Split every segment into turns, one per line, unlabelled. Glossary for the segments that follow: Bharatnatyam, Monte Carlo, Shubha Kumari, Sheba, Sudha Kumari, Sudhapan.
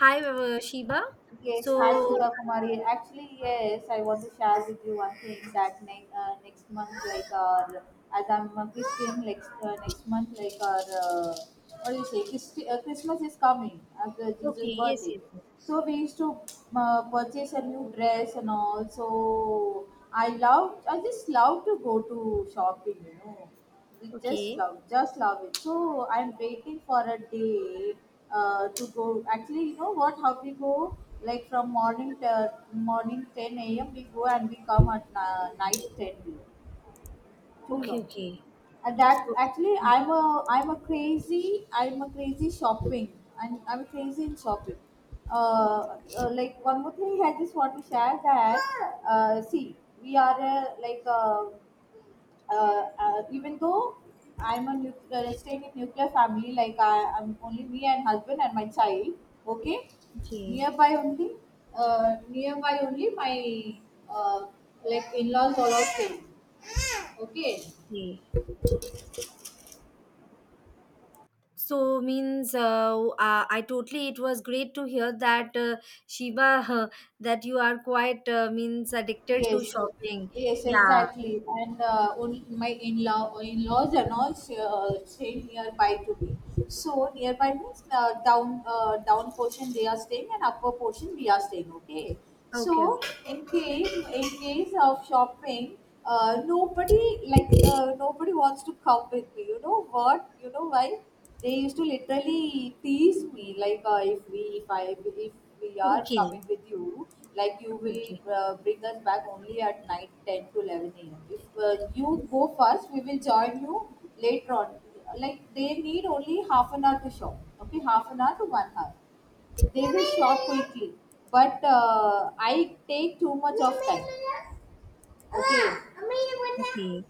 Hi, Sheba.
Yes, hi
So,
Shubha Kumari. Actually, yes, I want to share with you one thing that next month, like our, as I'm a Christian, next month, like our, what do you say, Christ- Christmas is coming after Jesus'
okay, yes,
birthday.
yes, yes.
So we used to purchase a new dress and all. So I love, I just love to go to shopping. We
Okay,
just love it, so I'm waiting for a day to go. Actually, you know what, how we go, like, from morning 10 a.m we go and we come at night 10 p.m. Too
okay,
long.
okay.
And that,
So,
actually,
mm,
I'm a crazy shopping. I'm crazy in shopping. Like, one more thing I just want to share that see, we are like even though I'm a nuclear, extended nuclear family, like, I'm only me and husband and my child. Okay,
okay,
nearby only, my uh, like in-laws all are staying. Okay,
okay. So means I totally. It was great to hear that, Sheba that you are quite means addicted to
yes,
shopping.
yes,
Yeah.
exactly. And only my in-laws and all stay nearby to me. So nearby means down portion they are staying and upper portion we are staying. Okay.
Okay. Okay.
So in case of shopping, nobody wants to come with me. You know what? You know why? They used to literally tease me like, if we are coming
Okay.
with you, like you
Okay. Okay.
will bring us back only at night 10 to 11 a.m. If you go first, we will join you later on, like they need only half an hour to shop. Okay, half an hour to 1 hour they will shop quickly. But I take too much of time. Okay.
Okay.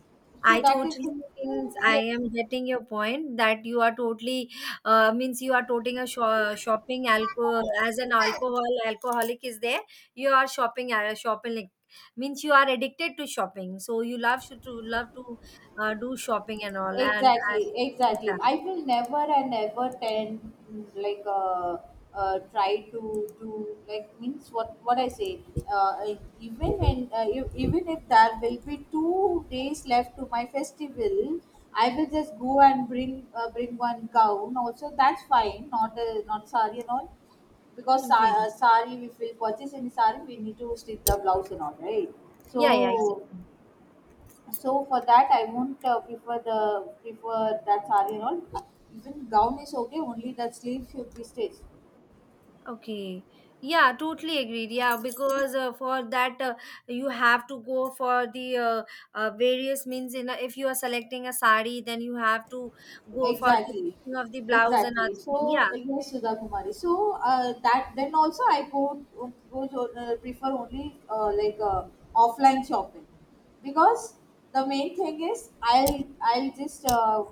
so
I
that is
totally means I am getting your point that you are totally means you are totally a
Yes.
shopping alcohol, as an alcoholic is there, you are shopping, like, means you are addicted to shopping, so you love love to do shopping and all, and I,
Exactly, exactly.
yeah,
I will never and ever tend, like, try to do, like, means, what I say. Even when even if there will be 2 days left to my festival, I will just go and bring one gown. Also, that's fine. Not sari and all, because
okay,
sari, if we purchase any sari, we need to stitch the blouse and all, right?
yeah, yeah,
So
exactly.
so, for that, I won't prefer that saree and all. Even gown is okay. Only that sleeve should be stitched.
Okay. Yeah, totally agreed. Yeah, because for that you have to go for the various means. If you are selecting a sari, then you have to go for the
Exactly,
stitching of the blouse and other
exactly.
thing. Yeah.
So yes, Sudha Kumari. So that then also I go, prefer only like offline shopping, because the main thing is I'll just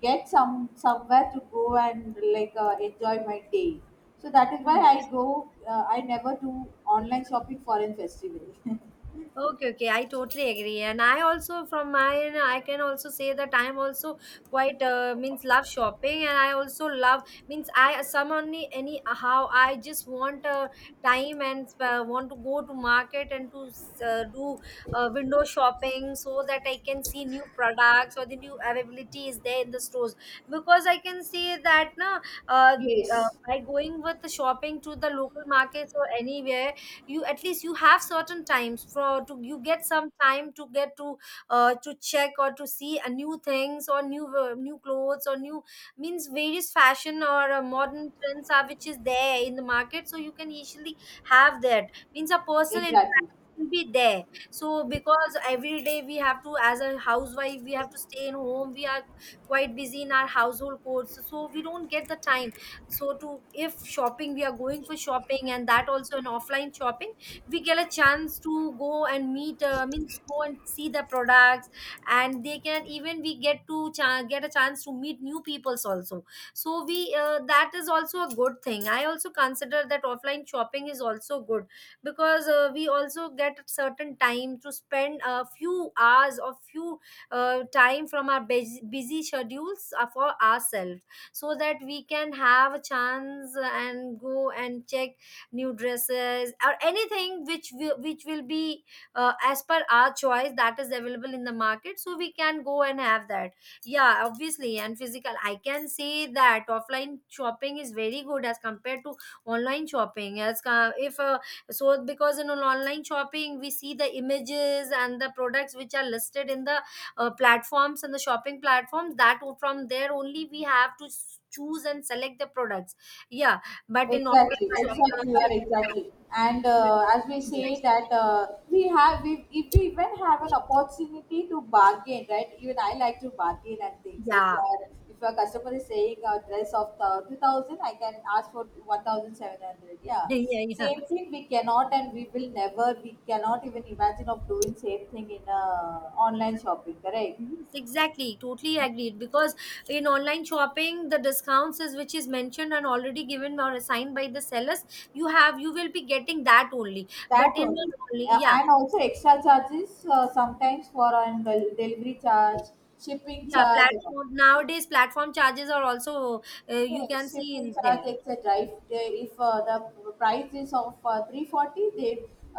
get some somewhere to go and, like, enjoy my day. So that is why
Mm, yeah.
I go. I never do online shopping for in festival.
Okay, okay, I totally agree, and I also, from my end, I can also say that I'm also quite means love shopping, and I also love, means I some only any how I just want time and want to go to market and to do window shopping, so that I can see new products or the new availability is there in the stores, because I can see that na, uh,
Yes,
by going with the shopping to the local markets or anywhere, you, at least you have certain times for to, you get some time to get to, to check or to see a new things or new clothes or new, means various fashion or modern trends are which is there in the market, so you can easily have that, means a personal
exactly.
will be there, so because every day we have to, as a housewife we have to stay in home, we are quite busy in our household chores, so we don't get the time. So to, if shopping we are going for shopping, and that also an offline shopping, we get a chance to go and meet, means go and see the products, and they can even we get to get a chance to meet new peoples also. So we that is also a good thing, I also consider that offline shopping is also good, because we also get certain time to spend a few hours or few time from our busy, busy schedules for ourselves, so that we can have a chance and go and check new dresses or anything which will be as per our choice that is available in the market, so we can go and have that. Yeah, obviously, and physical, I can say that offline shopping is very good as compared to online shopping, as co- if so because in an online shopping we see the images and the products which are listed in the platforms and the shopping platforms, that from there only we have to choose and select the products, yeah, but in
Exactly, exactly, you are exactly. And
yes,
as we say that if we even have an opportunity to bargain, right? Even I like to bargain and things. If you
yeah,
are, if a customer is saying a dress of the 2,000, I can ask for 1,700. Yeah,
yeah, yeah.
same thing we cannot, and we will never, we cannot even imagine of doing same thing in online shopping, correct?
Yes, exactly, totally agreed, because in online shopping, the discounts is which is mentioned and already given or assigned by the sellers, you will be getting that only,
That
but in an
only.
only, yeah.
And also extra charges, sometimes for delivery charge, shipping
Yeah,
charge and all.
platform, nowadays platform charges are also, you
Yes,
can see
shipping
in there.
charge, etc. If the price is of 340, they,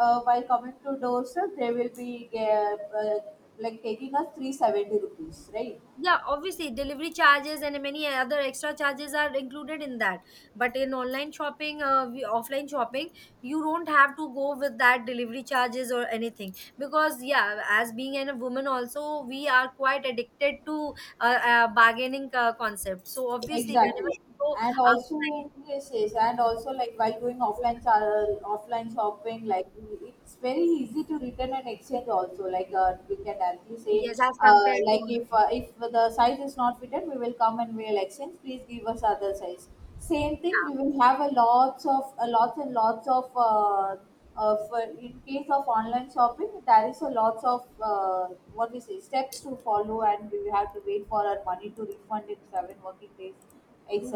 while coming to doorstep, they will be uh, uh, like taking us 370 rupees, right?
Yeah, obviously delivery charges and many other extra charges are included in that. But in online shopping, we, offline shopping, you don't have to go with that delivery charges or anything, because yeah, as being a woman also, we are quite addicted to bargaining concept. So obviously, whenever
Exactly.
you go
And
outside,
also, yes, yes, and also, like, while going offline, offline shopping, like, it's very easy to return and exchange. Also, like, we can directly say,
yes, as compared to
like,
online.
if the size is not fitted, we will come and we'll exchange. Please give us other size. Same thing, we
Yeah.
will have a lots and lots of for in case of online shopping, there is a lots of what we say, steps to follow, and we have to wait for our money to refund in 7 working days,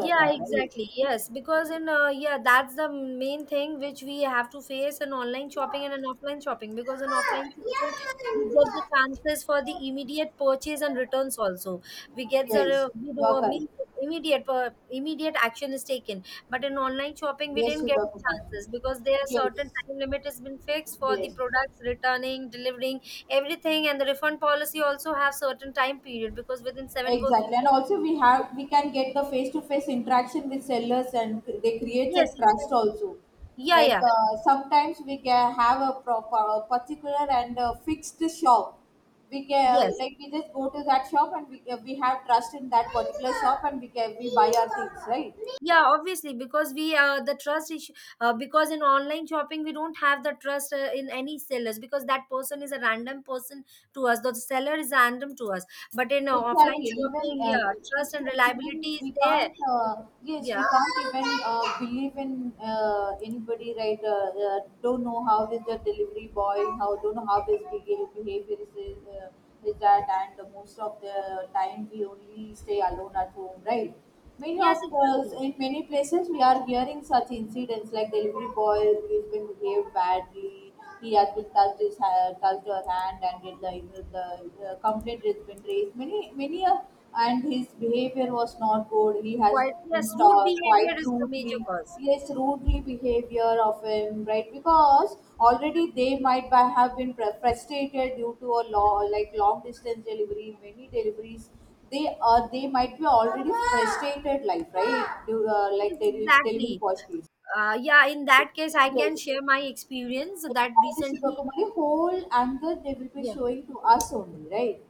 Yeah, exactly. Yes, because in yeah, that's the main thing which we have to face in online shopping
Right?
and in offline shopping. Because in offline shopping, we get the chances for the immediate purchase and returns also. We get the,
Yes, you are
I mean,
correct.
immediate action is taken. But in online shopping, we
Yes,
didn't get
Sudha
the
Kumar.
chances because there are certain
Yes,
time limit has been fixed for the
yes.
products returning, delivering everything, and the refund policy also have certain time period, because within seven working
Exactly, and
days.
also we can get the face to face interaction with sellers, and they creates a
Yes,
trust
exactly.
also.
Yeah,
Like,
yeah.
sometimes we can have a particular and a fixed shop. We can
Yes.
like we just go to that shop and we have trust in that particular shop, and we buy our things, right?
Yeah, obviously, because we the trust issue, because in online shopping we don't have the trust in any sellers, because that person is a random person to us. The seller is random to us. But in offline
Exactly. Even
shopping, yeah, trust and
yes, even
reliability is
we
there.
can't.
Becau-
Yes, we
Yeah.
can't even believe in anybody, right? Don't know how is the delivery boy, how don't know how his behavior uh, is that, and most of the time we only stay alone at home, right? Many
Yes,
of us,
exactly.
in many places, we are hearing such incidents, like delivery boy who's been behaved badly, he actually touched his hair, touched her hand, and did like the complaint has been raised. Many, many, and his behavior was not good. He has
Why? Yes, rude
talked
behavior
quite
is the major
rudely.
cause.
Yes, rudely behavior of him, right? Because already they might by have been frustrated due to a law, like long distance delivery, many deliveries, they might be already frustrated, like, right. Due,
Yes,
like delivery
exactly.
policies.
Yeah, in that case, I
Yes.
can share my experience that
Exactly, Shubha
recently.
Kumari. Whole anger they will be
Yeah,
showing to us only, right?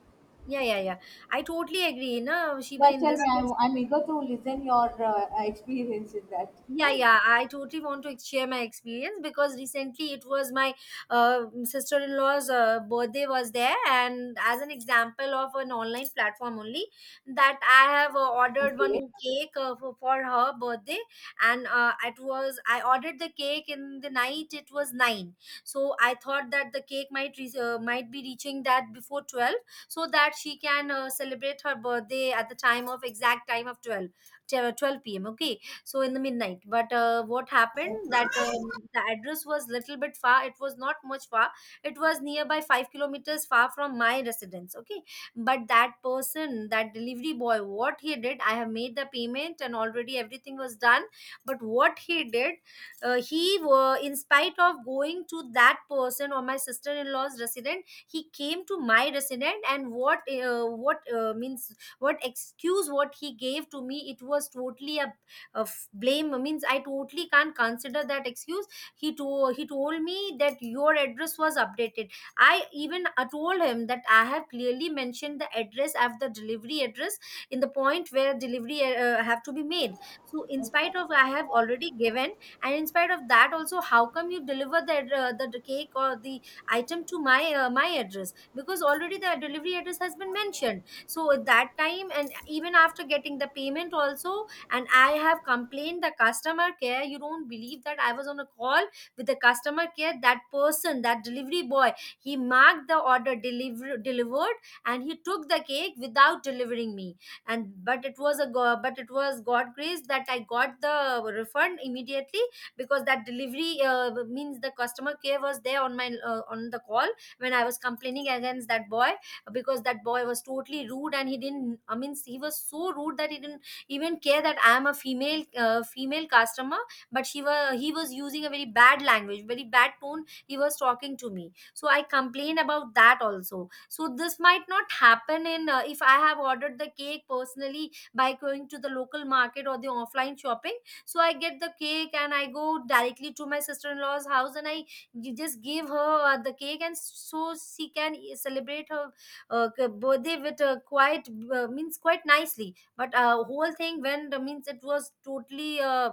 yeah, yeah, yeah. I totally agree, na Shiba,
Yeah,
in
tell
this
me.
case.
I'm eager to listen your experience in that.
Yeah, yeah, I totally want to share my experience because recently it was my sister in law's birthday was there, and as an example of an online platform only, that I have ordered
Okay,
one cake for, her birthday, and it was, I ordered the cake in the night. It was 9, so I thought that the cake might be reaching that before 12, so that she can celebrate her birthday at the time of, exact time of 12, 12 p.m. Okay, so in the midnight, but what happened that, the address was little bit far, it was not much far, it was nearby 5 kilometers far from my residence. Okay. But that person, that delivery boy, what he did, I have made the payment and already everything was done, but what he did, he were, in spite of going to that person or my sister-in-law's resident, he came to my resident, and what means what excuse what he gave to me, it was totally a of blame, means I totally can't consider that excuse. He to he told me that your address was updated. I even told him that I have clearly mentioned the address of the delivery address in the point where delivery have to be made. So in spite of I have already given, and in spite of that also, how come you deliver the cake or the item to my address, because already the delivery address has been mentioned, so at that time, and even after getting the payment also, and I have complained the customer care. You don't believe that I was on a call with the customer care, that person, that delivery boy, he marked the order delivered, and he took the cake without delivering me. And but it was god grace that I got the refund immediately, because that delivery means the customer care was there on my on the call when I was complaining against that boy, because that boy was totally rude, and he didn't, I mean, he was so rude that he didn't even care that I am a female customer. But she was he was using a very bad language, very bad tone, he was talking to me. So I complained about that also. So this might not happen in, if I have ordered the cake personally by going to the local market or the offline shopping. So I get the cake and I go directly to my sister-in-law's house, and just give her the cake, and so she can celebrate her birthday with a quite means quite nicely. But whole thing went, means it was totally,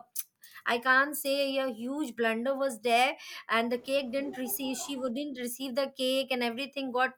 I can't say, a huge blunder was there, and the cake didn't receive. She wouldn't receive the cake, and everything got.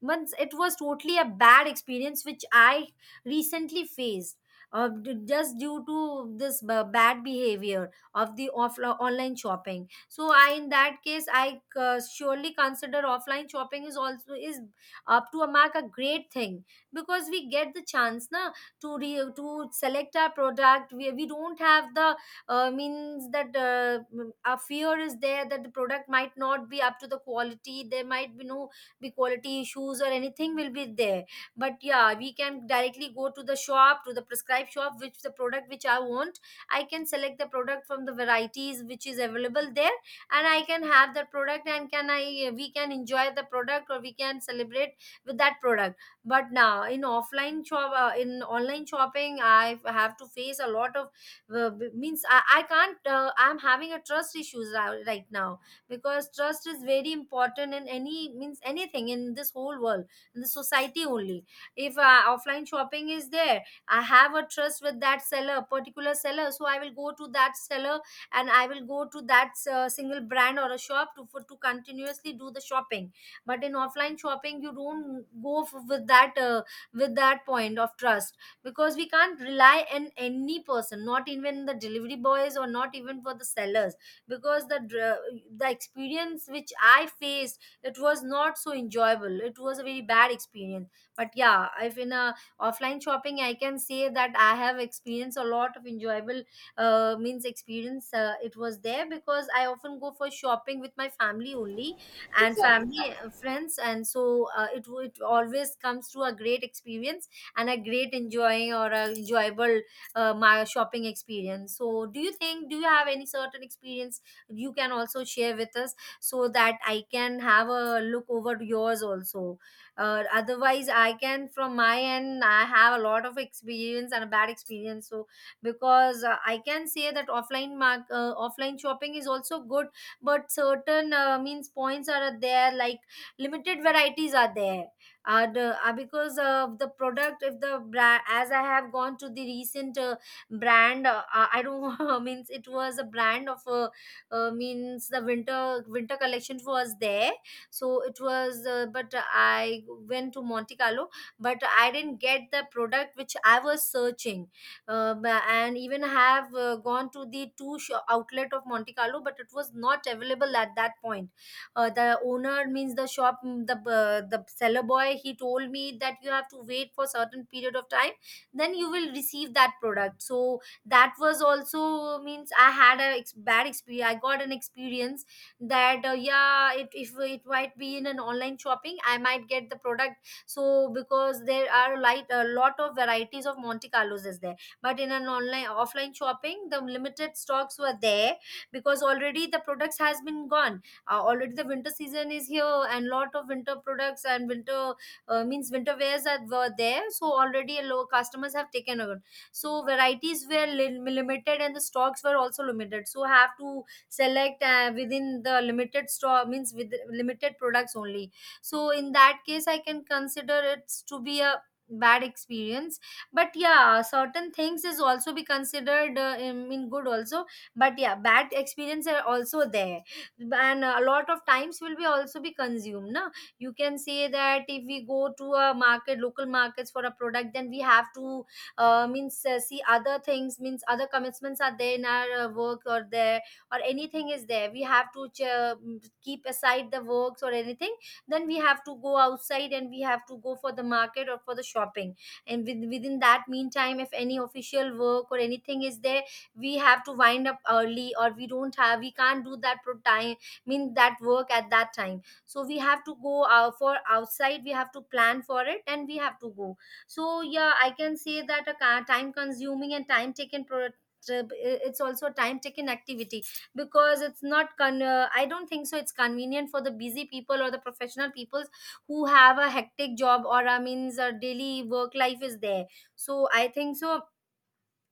But it was totally a bad experience which I recently faced. Just due to this bad behavior of the online shopping, so I in that case I surely consider offline shopping is also is up to a mark a great thing, because we get the chance na to to select our product. We don't have the means that a fear is there that the product might not be up to the quality, there might be no be quality issues or anything will be there. But yeah, we can directly go to the shop, to the prescribed shop which the product which I want. I can select the product from the varieties which is available there, and I can have that product and can I we can enjoy the product or we can celebrate with that product. But now in offline shop, in online shopping I have to face a lot of means I can't I'm having a trust issues right now, because trust is very important in any means anything in this whole world, in the society only. If offline shopping is there, I have a trust with that seller, particular seller, so I will go to that seller, and I will go to that single brand or a shop to continuously do the shopping. But in offline shopping you don't go with that point of trust, because we can't rely on any person, not even the delivery boys or not even for the sellers. Because the the experience which I faced, it was not so enjoyable, it was a very bad experience. But yeah, if in a offline shopping, I can say that I have experienced a lot of enjoyable means experience. It was there because I often go for shopping with my family only, and
exactly.
family friends and so it always comes to a great experience and a great enjoying or a enjoyable my shopping experience. So do you think, do you have any certain experience you can also share with us, so that I can have a look over to yours also? Otherwise I can from my end, I have a lot of experience and a bad experience, so because I can say that offline shopping is also good, but certain means points are there, like limited varieties are there. And because of the product, if the brand, as I have gone to the recent brand, I don't means it was a brand of means the winter collection was there. So it was but I went to Monte Carlo, but I didn't get the product which I was searching. And even have gone to the two outlet of Monte Carlo, but it was not available at that point. The owner means the shop, the seller boy, he told me that you have to wait for certain period of time, then you will receive that product. So that was also means I had a bad experience, I got an experience that yeah, it if it might be in an online shopping, I might get the product. So because there are light a lot of varieties of Monte Carlos is there, but in an online offline shopping the limited stocks were there, because already the products has been gone. Already the winter season is here, and lot of winter products and winter means winter wares are were there. So already a low customers have taken over, so varieties were limited and the stocks were also limited, so have to select within the limited stock means with limited products only. So in that case I can consider it to be a bad experience. But yeah, certain things is also be considered in good also, but yeah, bad experience are also there. And a lot of times will be also be consumed na. You can say that if we go to a market, local markets for a product, then we have to means see other things, means other commitments are there in our work or there, or anything is there. We have to keep aside the works or anything, then we have to go outside and we have to go for the market or for the shopping. And within that meantime if any official work or anything is there, we have to wind up early, or we don't have we can't do that pro time, mean that work at that time, so we have to go out for outside, we have to plan for it and we have to go. So yeah, I can say that a time consuming and time taken trip, it's also a time taken activity. Because it's not con- I don't think so it's convenient for the busy people or the professional people who have a hectic job or I means a daily work life is there. So I think so.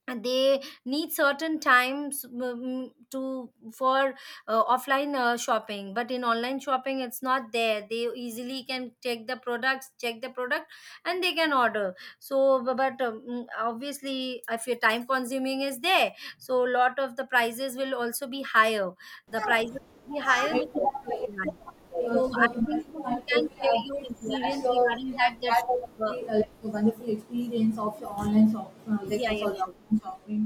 And they need certain times to for offline shopping. But in online shopping it's not there, they easily can take the products, check the product, and they can order. So obviously if your time consuming is there, so a lot of the prices will also be higher. The prices will be higher and
Exactly.
the cost will be
Exactly.
higher. So
So the
I think so,
commercial I
you can
totally
share your
agree with you. As
experience
you We
regarding
have
that.
had
uh,
a wonderful experience of your online shop,
yeah, yeah,
sorry,
sure.
offline shopping.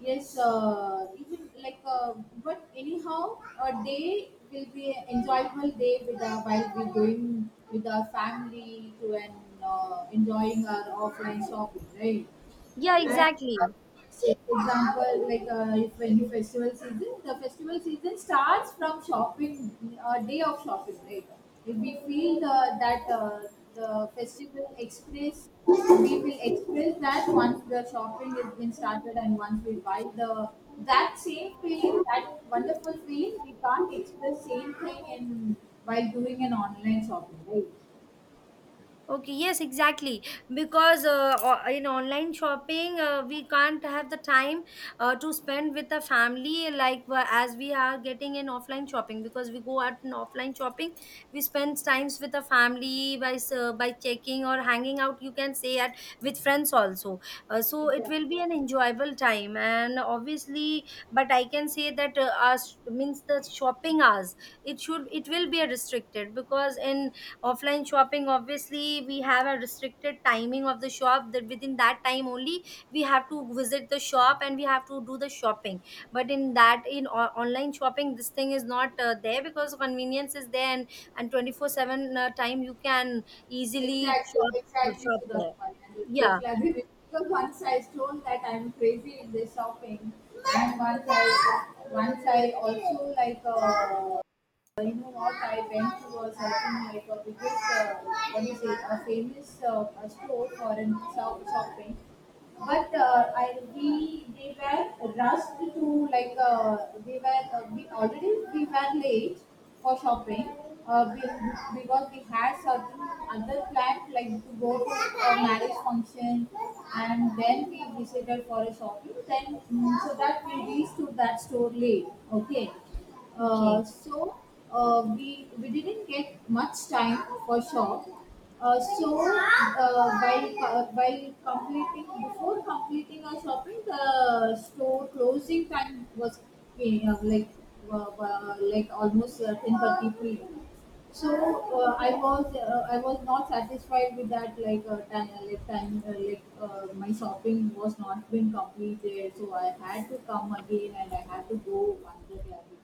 Yes, even, like, but anyhow, a day will be an enjoyable day with while we're going with our family to an enjoying our offline shopping, right?
Yeah,
And,
exactly.
say, for example, like, if any festival season, the festival season starts from shopping day of shopping, right? If we feel that uh, the festival express, we will express that once the shopping has been started, and once we buy the that same feeling, that wonderful feeling, we can't express same thing in while doing an online shopping, right?
Okay, yes, exactly. Because in online shopping, we can't have the time to spend with the family like as we are getting in offline shopping. Because we go out in offline shopping, we spend times with the family by by checking or hanging out. You can say at with friends also. So it
Exactly.
will be an enjoyable time, and obviously, but I can say that us means the shopping hours. It will be a restricted, because in offline shopping obviously we have a restricted timing of the shop, that within that time only we have to visit the shop and we have to do the shopping. But in that in online shopping this thing is not there, because convenience is there, and 24/7 time you can easily
Exactly, exactly,
shop there.
Sudhapan. And the
Yeah,
truth like it. Because once I told that I'm crazy in the shopping, and once I also, like, you know what, I went to, was, I think, like, a biggest what do you say, a famous a store for in shop shopping. But I we they were rushed to, like, they were we were late for shopping, uh, we, because we had certain other plans, like to go to a marriage function, and then we visited for a shopping, then so that we reached to that store late. Okay.
okay.
So we didn't get much time for shop. So while completing before completing our shopping, the store closing time was like almost 10:30 p.m. So I was not satisfied with that, like, time, like my shopping was not been completed, so I had to come again and I had to go another gallery,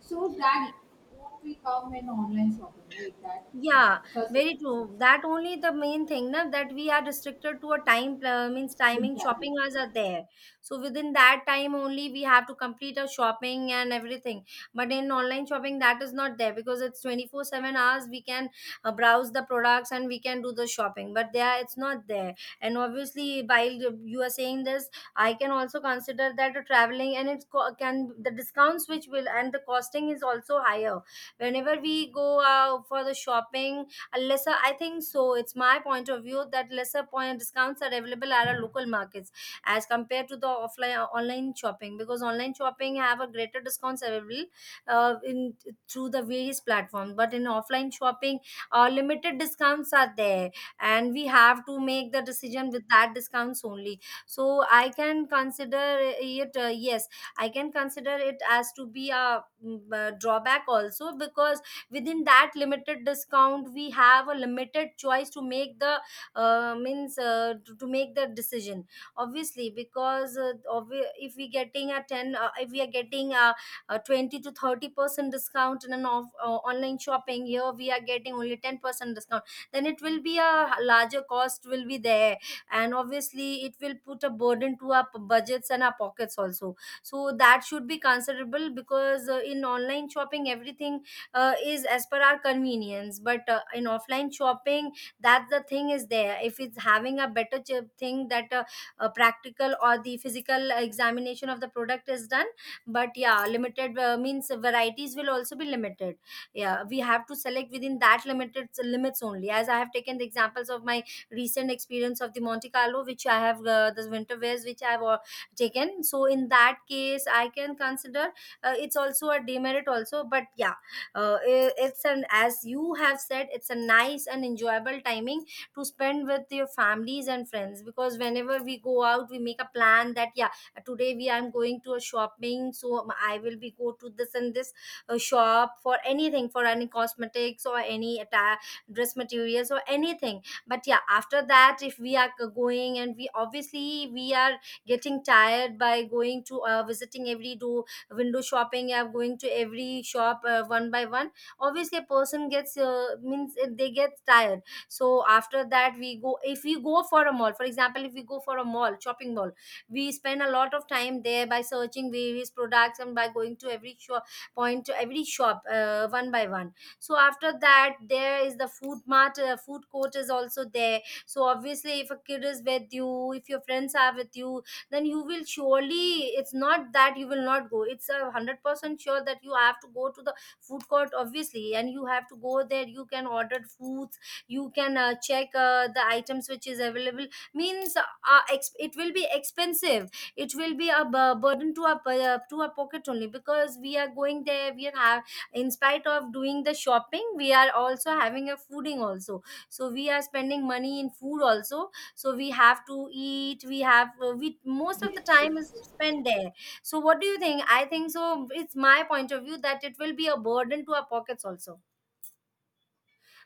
so that, what we come in online shopping, right, that,
Yeah,
such.
very true. That only the main thing, na, that we are restricted to a time means timing.
Exactly.
Shopping hours are there, so within that time only we have to complete our shopping and everything. But in online shopping, that is not there, because it's 24/7 hours. We can browse the products and we can do the shopping, but there it's not there. And obviously, while you are saying this, I can also consider that the traveling and it's co- can the discounts which will and the costing is also higher whenever we go for the shopping. A lesser, I think so, it's my point of view that lesser point discounts are available at our local markets as compared to the offline online shopping, because online shopping have a greater discounts available in through the various platforms. But in offline shopping limited discounts are there, and we have to make the decision with that discounts only. So I can consider it, yes, I can consider it as to be a drawback also, because within that limited discount we have a limited choice to make the to make the decision. Obviously, because if we getting a 10 if we are getting a 20 to 30 percent discount in an online shopping, here we are getting only 10 percent discount, then it will be a larger cost will be there. And obviously it will put a burden to our budgets and our pockets also. So that should be considerable, because in online shopping everything is as per our convenience. But in offline shopping, that the thing is there, if it's having a better thing that a practical or the physical examination of the product is done. But yeah, limited means varieties will also be limited, yeah, we have to select within that limited limits only, as I have taken the examples of my recent experience of the Monte Carlo, which I have the winter wears which I have taken. So in that case I can consider it's also a demerit also. But yeah, it's an, as you have said, it's a nice and enjoyable timing to spend with your families and friends, because whenever we go out we make a plan that yeah, today we I'm going to a shopping, so I will be go to this and this shop for anything, for any cosmetics or any attire, dress materials or anything. But yeah, after that if we are going and we obviously we are getting tired by going to visiting every do window shopping app, going to every shop one by one. Obviously a person gets they get tired. So after that we go, if we go for a mall, for example, if we go for a mall shopping mall, we spend a lot of time there by searching various products and by going to every shop point to every shop one by one. So after that there is the food mart, food court is also there. So obviously if a kid is with you, if your friends are with you, then you will surely, it's not that you will not go, it's 100% sure that you have to go to the food court, obviously, and you have to go there. You can order foods. You can check the items which is available. Means it will be expensive. It will be a burden to our to our pocket only because we are going there we are have. In spite of doing the shopping we are also having a fooding also, so we are spending money in food also. So we have to eat, we have we most of the
Yes,
time is
yes.
spent there. So what do you think? I think so, it's my point of view that it will be a burden to our pockets also.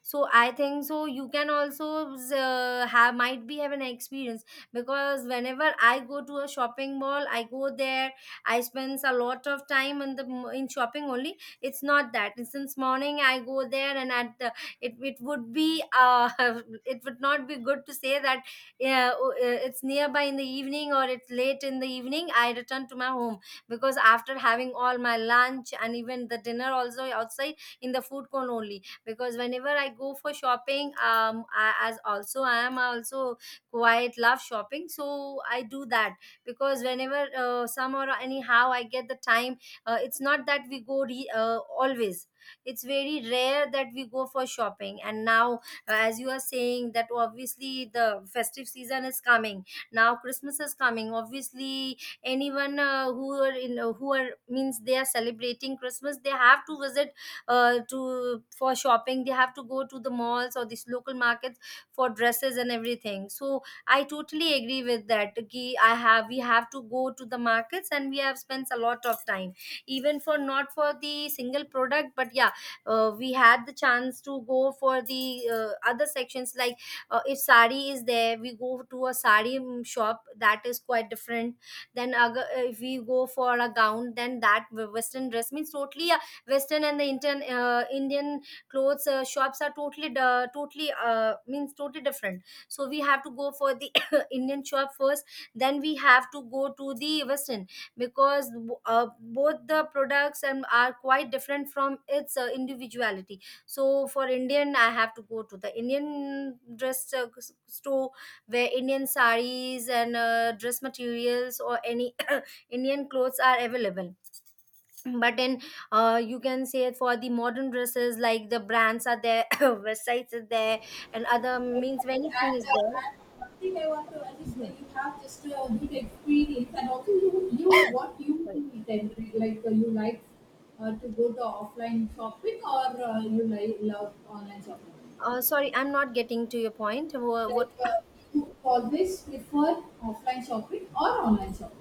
So I think so you can also have, might be have an experience, because whenever I go to a shopping mall, I go there, I spends a lot of time in the in shopping only. It's not that since morning I go there and at it would be it would not be good to say that it's nearby in the evening or it's late in the evening I return to my home, because after having all my lunch and even the dinner also outside, in the food court only. Because whenever I go for shopping as also I am also quite love shopping, so I do that. Because whenever some or anyhow I get the time, it's not that we go always. It's very rare that we go for shopping. And now as you are saying that obviously the festive season is coming, now Christmas is coming, obviously anyone who are in who are means they are celebrating Christmas they have to visit to for shopping. They have to go to the malls or these local markets for dresses and everything. So I totally agree with that ki I have we have to go to the markets and we have spent a lot of time, even for not for the single product. But yeah, we had the chance to go for the other sections. Like if sari is there, we go to a sari shop, that is quite different. Then if we go for a gown, then that western dress means totally a western, and the Indian Indian clothes shops are totally means totally different. So we have to go for the Indian shop first, then we have to go to the western. Because both the products and are quite different from its individuality. So for Indian I have to go to the Indian dress store, where Indian saris and dress materials or any Indian clothes are available. But in you can say for the modern dresses, like the brands are there, websites are there and other
Exactly.
means anything is
And
there.
and one thing I want to add is
Yeah.
that you have just a good experience, and also you, what you
Sorry.
need. And, like, you like, to go to offline shopping, or you like love online shopping.
Sorry, I'm not getting to your point.
Like,
What?
you always prefer offline shopping or online shopping.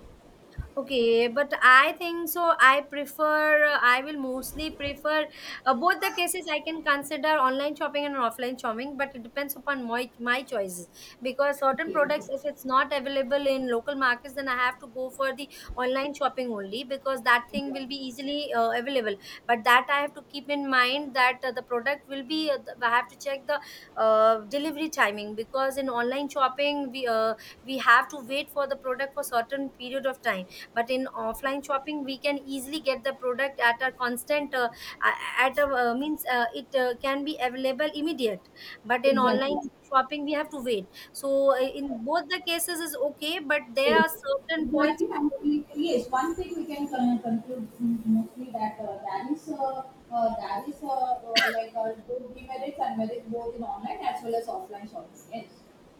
Okay, but I think so. I prefer, I will mostly prefer both the cases. I can consider online shopping and offline shopping, but it depends upon my choices. Because certain
Okay,
products,
okay,
if it's not available in local markets, then I have to go for the online shopping only, because that thing
exactly.
will be easily available. But that I have to keep in mind that the product will be, I have to check the delivery timing, because in online shopping, we have to wait for the product for certain period of time. But in offline shopping we can easily get the product at a constant at a means it can be available immediate. But in online
Exactly.
shopping we have to wait. So in both the cases is okay, but there
Yes.
are certain points.
Exactly, and yes, one thing we can conclude mostly that there is like good demerits and merits both in online as well as offline shopping. Yes.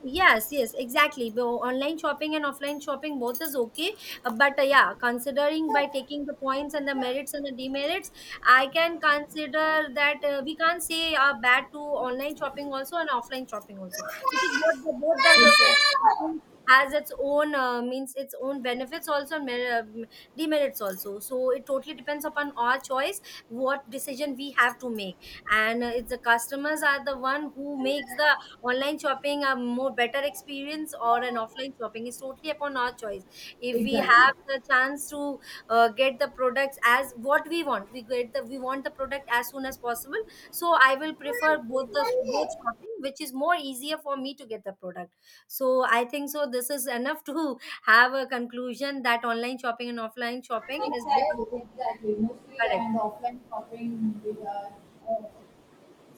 Yes, yes, exactly. Online shopping and offline shopping both is okay. But yeah, considering by taking the points and the merits and the demerits, I can consider that we can't say bad to online shopping also and offline shopping also, because both the uh, has its own means its own benefits also and demerits also. So it totally depends upon our choice what decision we have to make, and it's the customers are the one who makes the online shopping a more better experience or an offline shopping, is totally upon our choice. If we
Exactly.
have
Exactly.
the chance to get the products as what we want, we get the we want the product as soon as possible. So I will prefer both the both shopping which is more easier for me to get the product. So I think so this is enough to have a conclusion that online shopping and offline shopping is both
Exactly. Exactly. Mostly
correct.
and offline shopping with uh,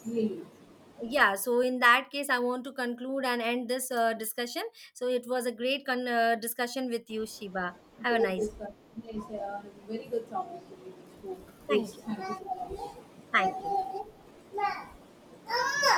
really.
Yeah, so in that case I want to conclude and end this discussion. So it was a great discussion with you, Shiba. Have a
Great
nice.
discussion. Yes, a very good topic to be
Thank
discussed.
you.
Yes, thank
Thank you.
you so much.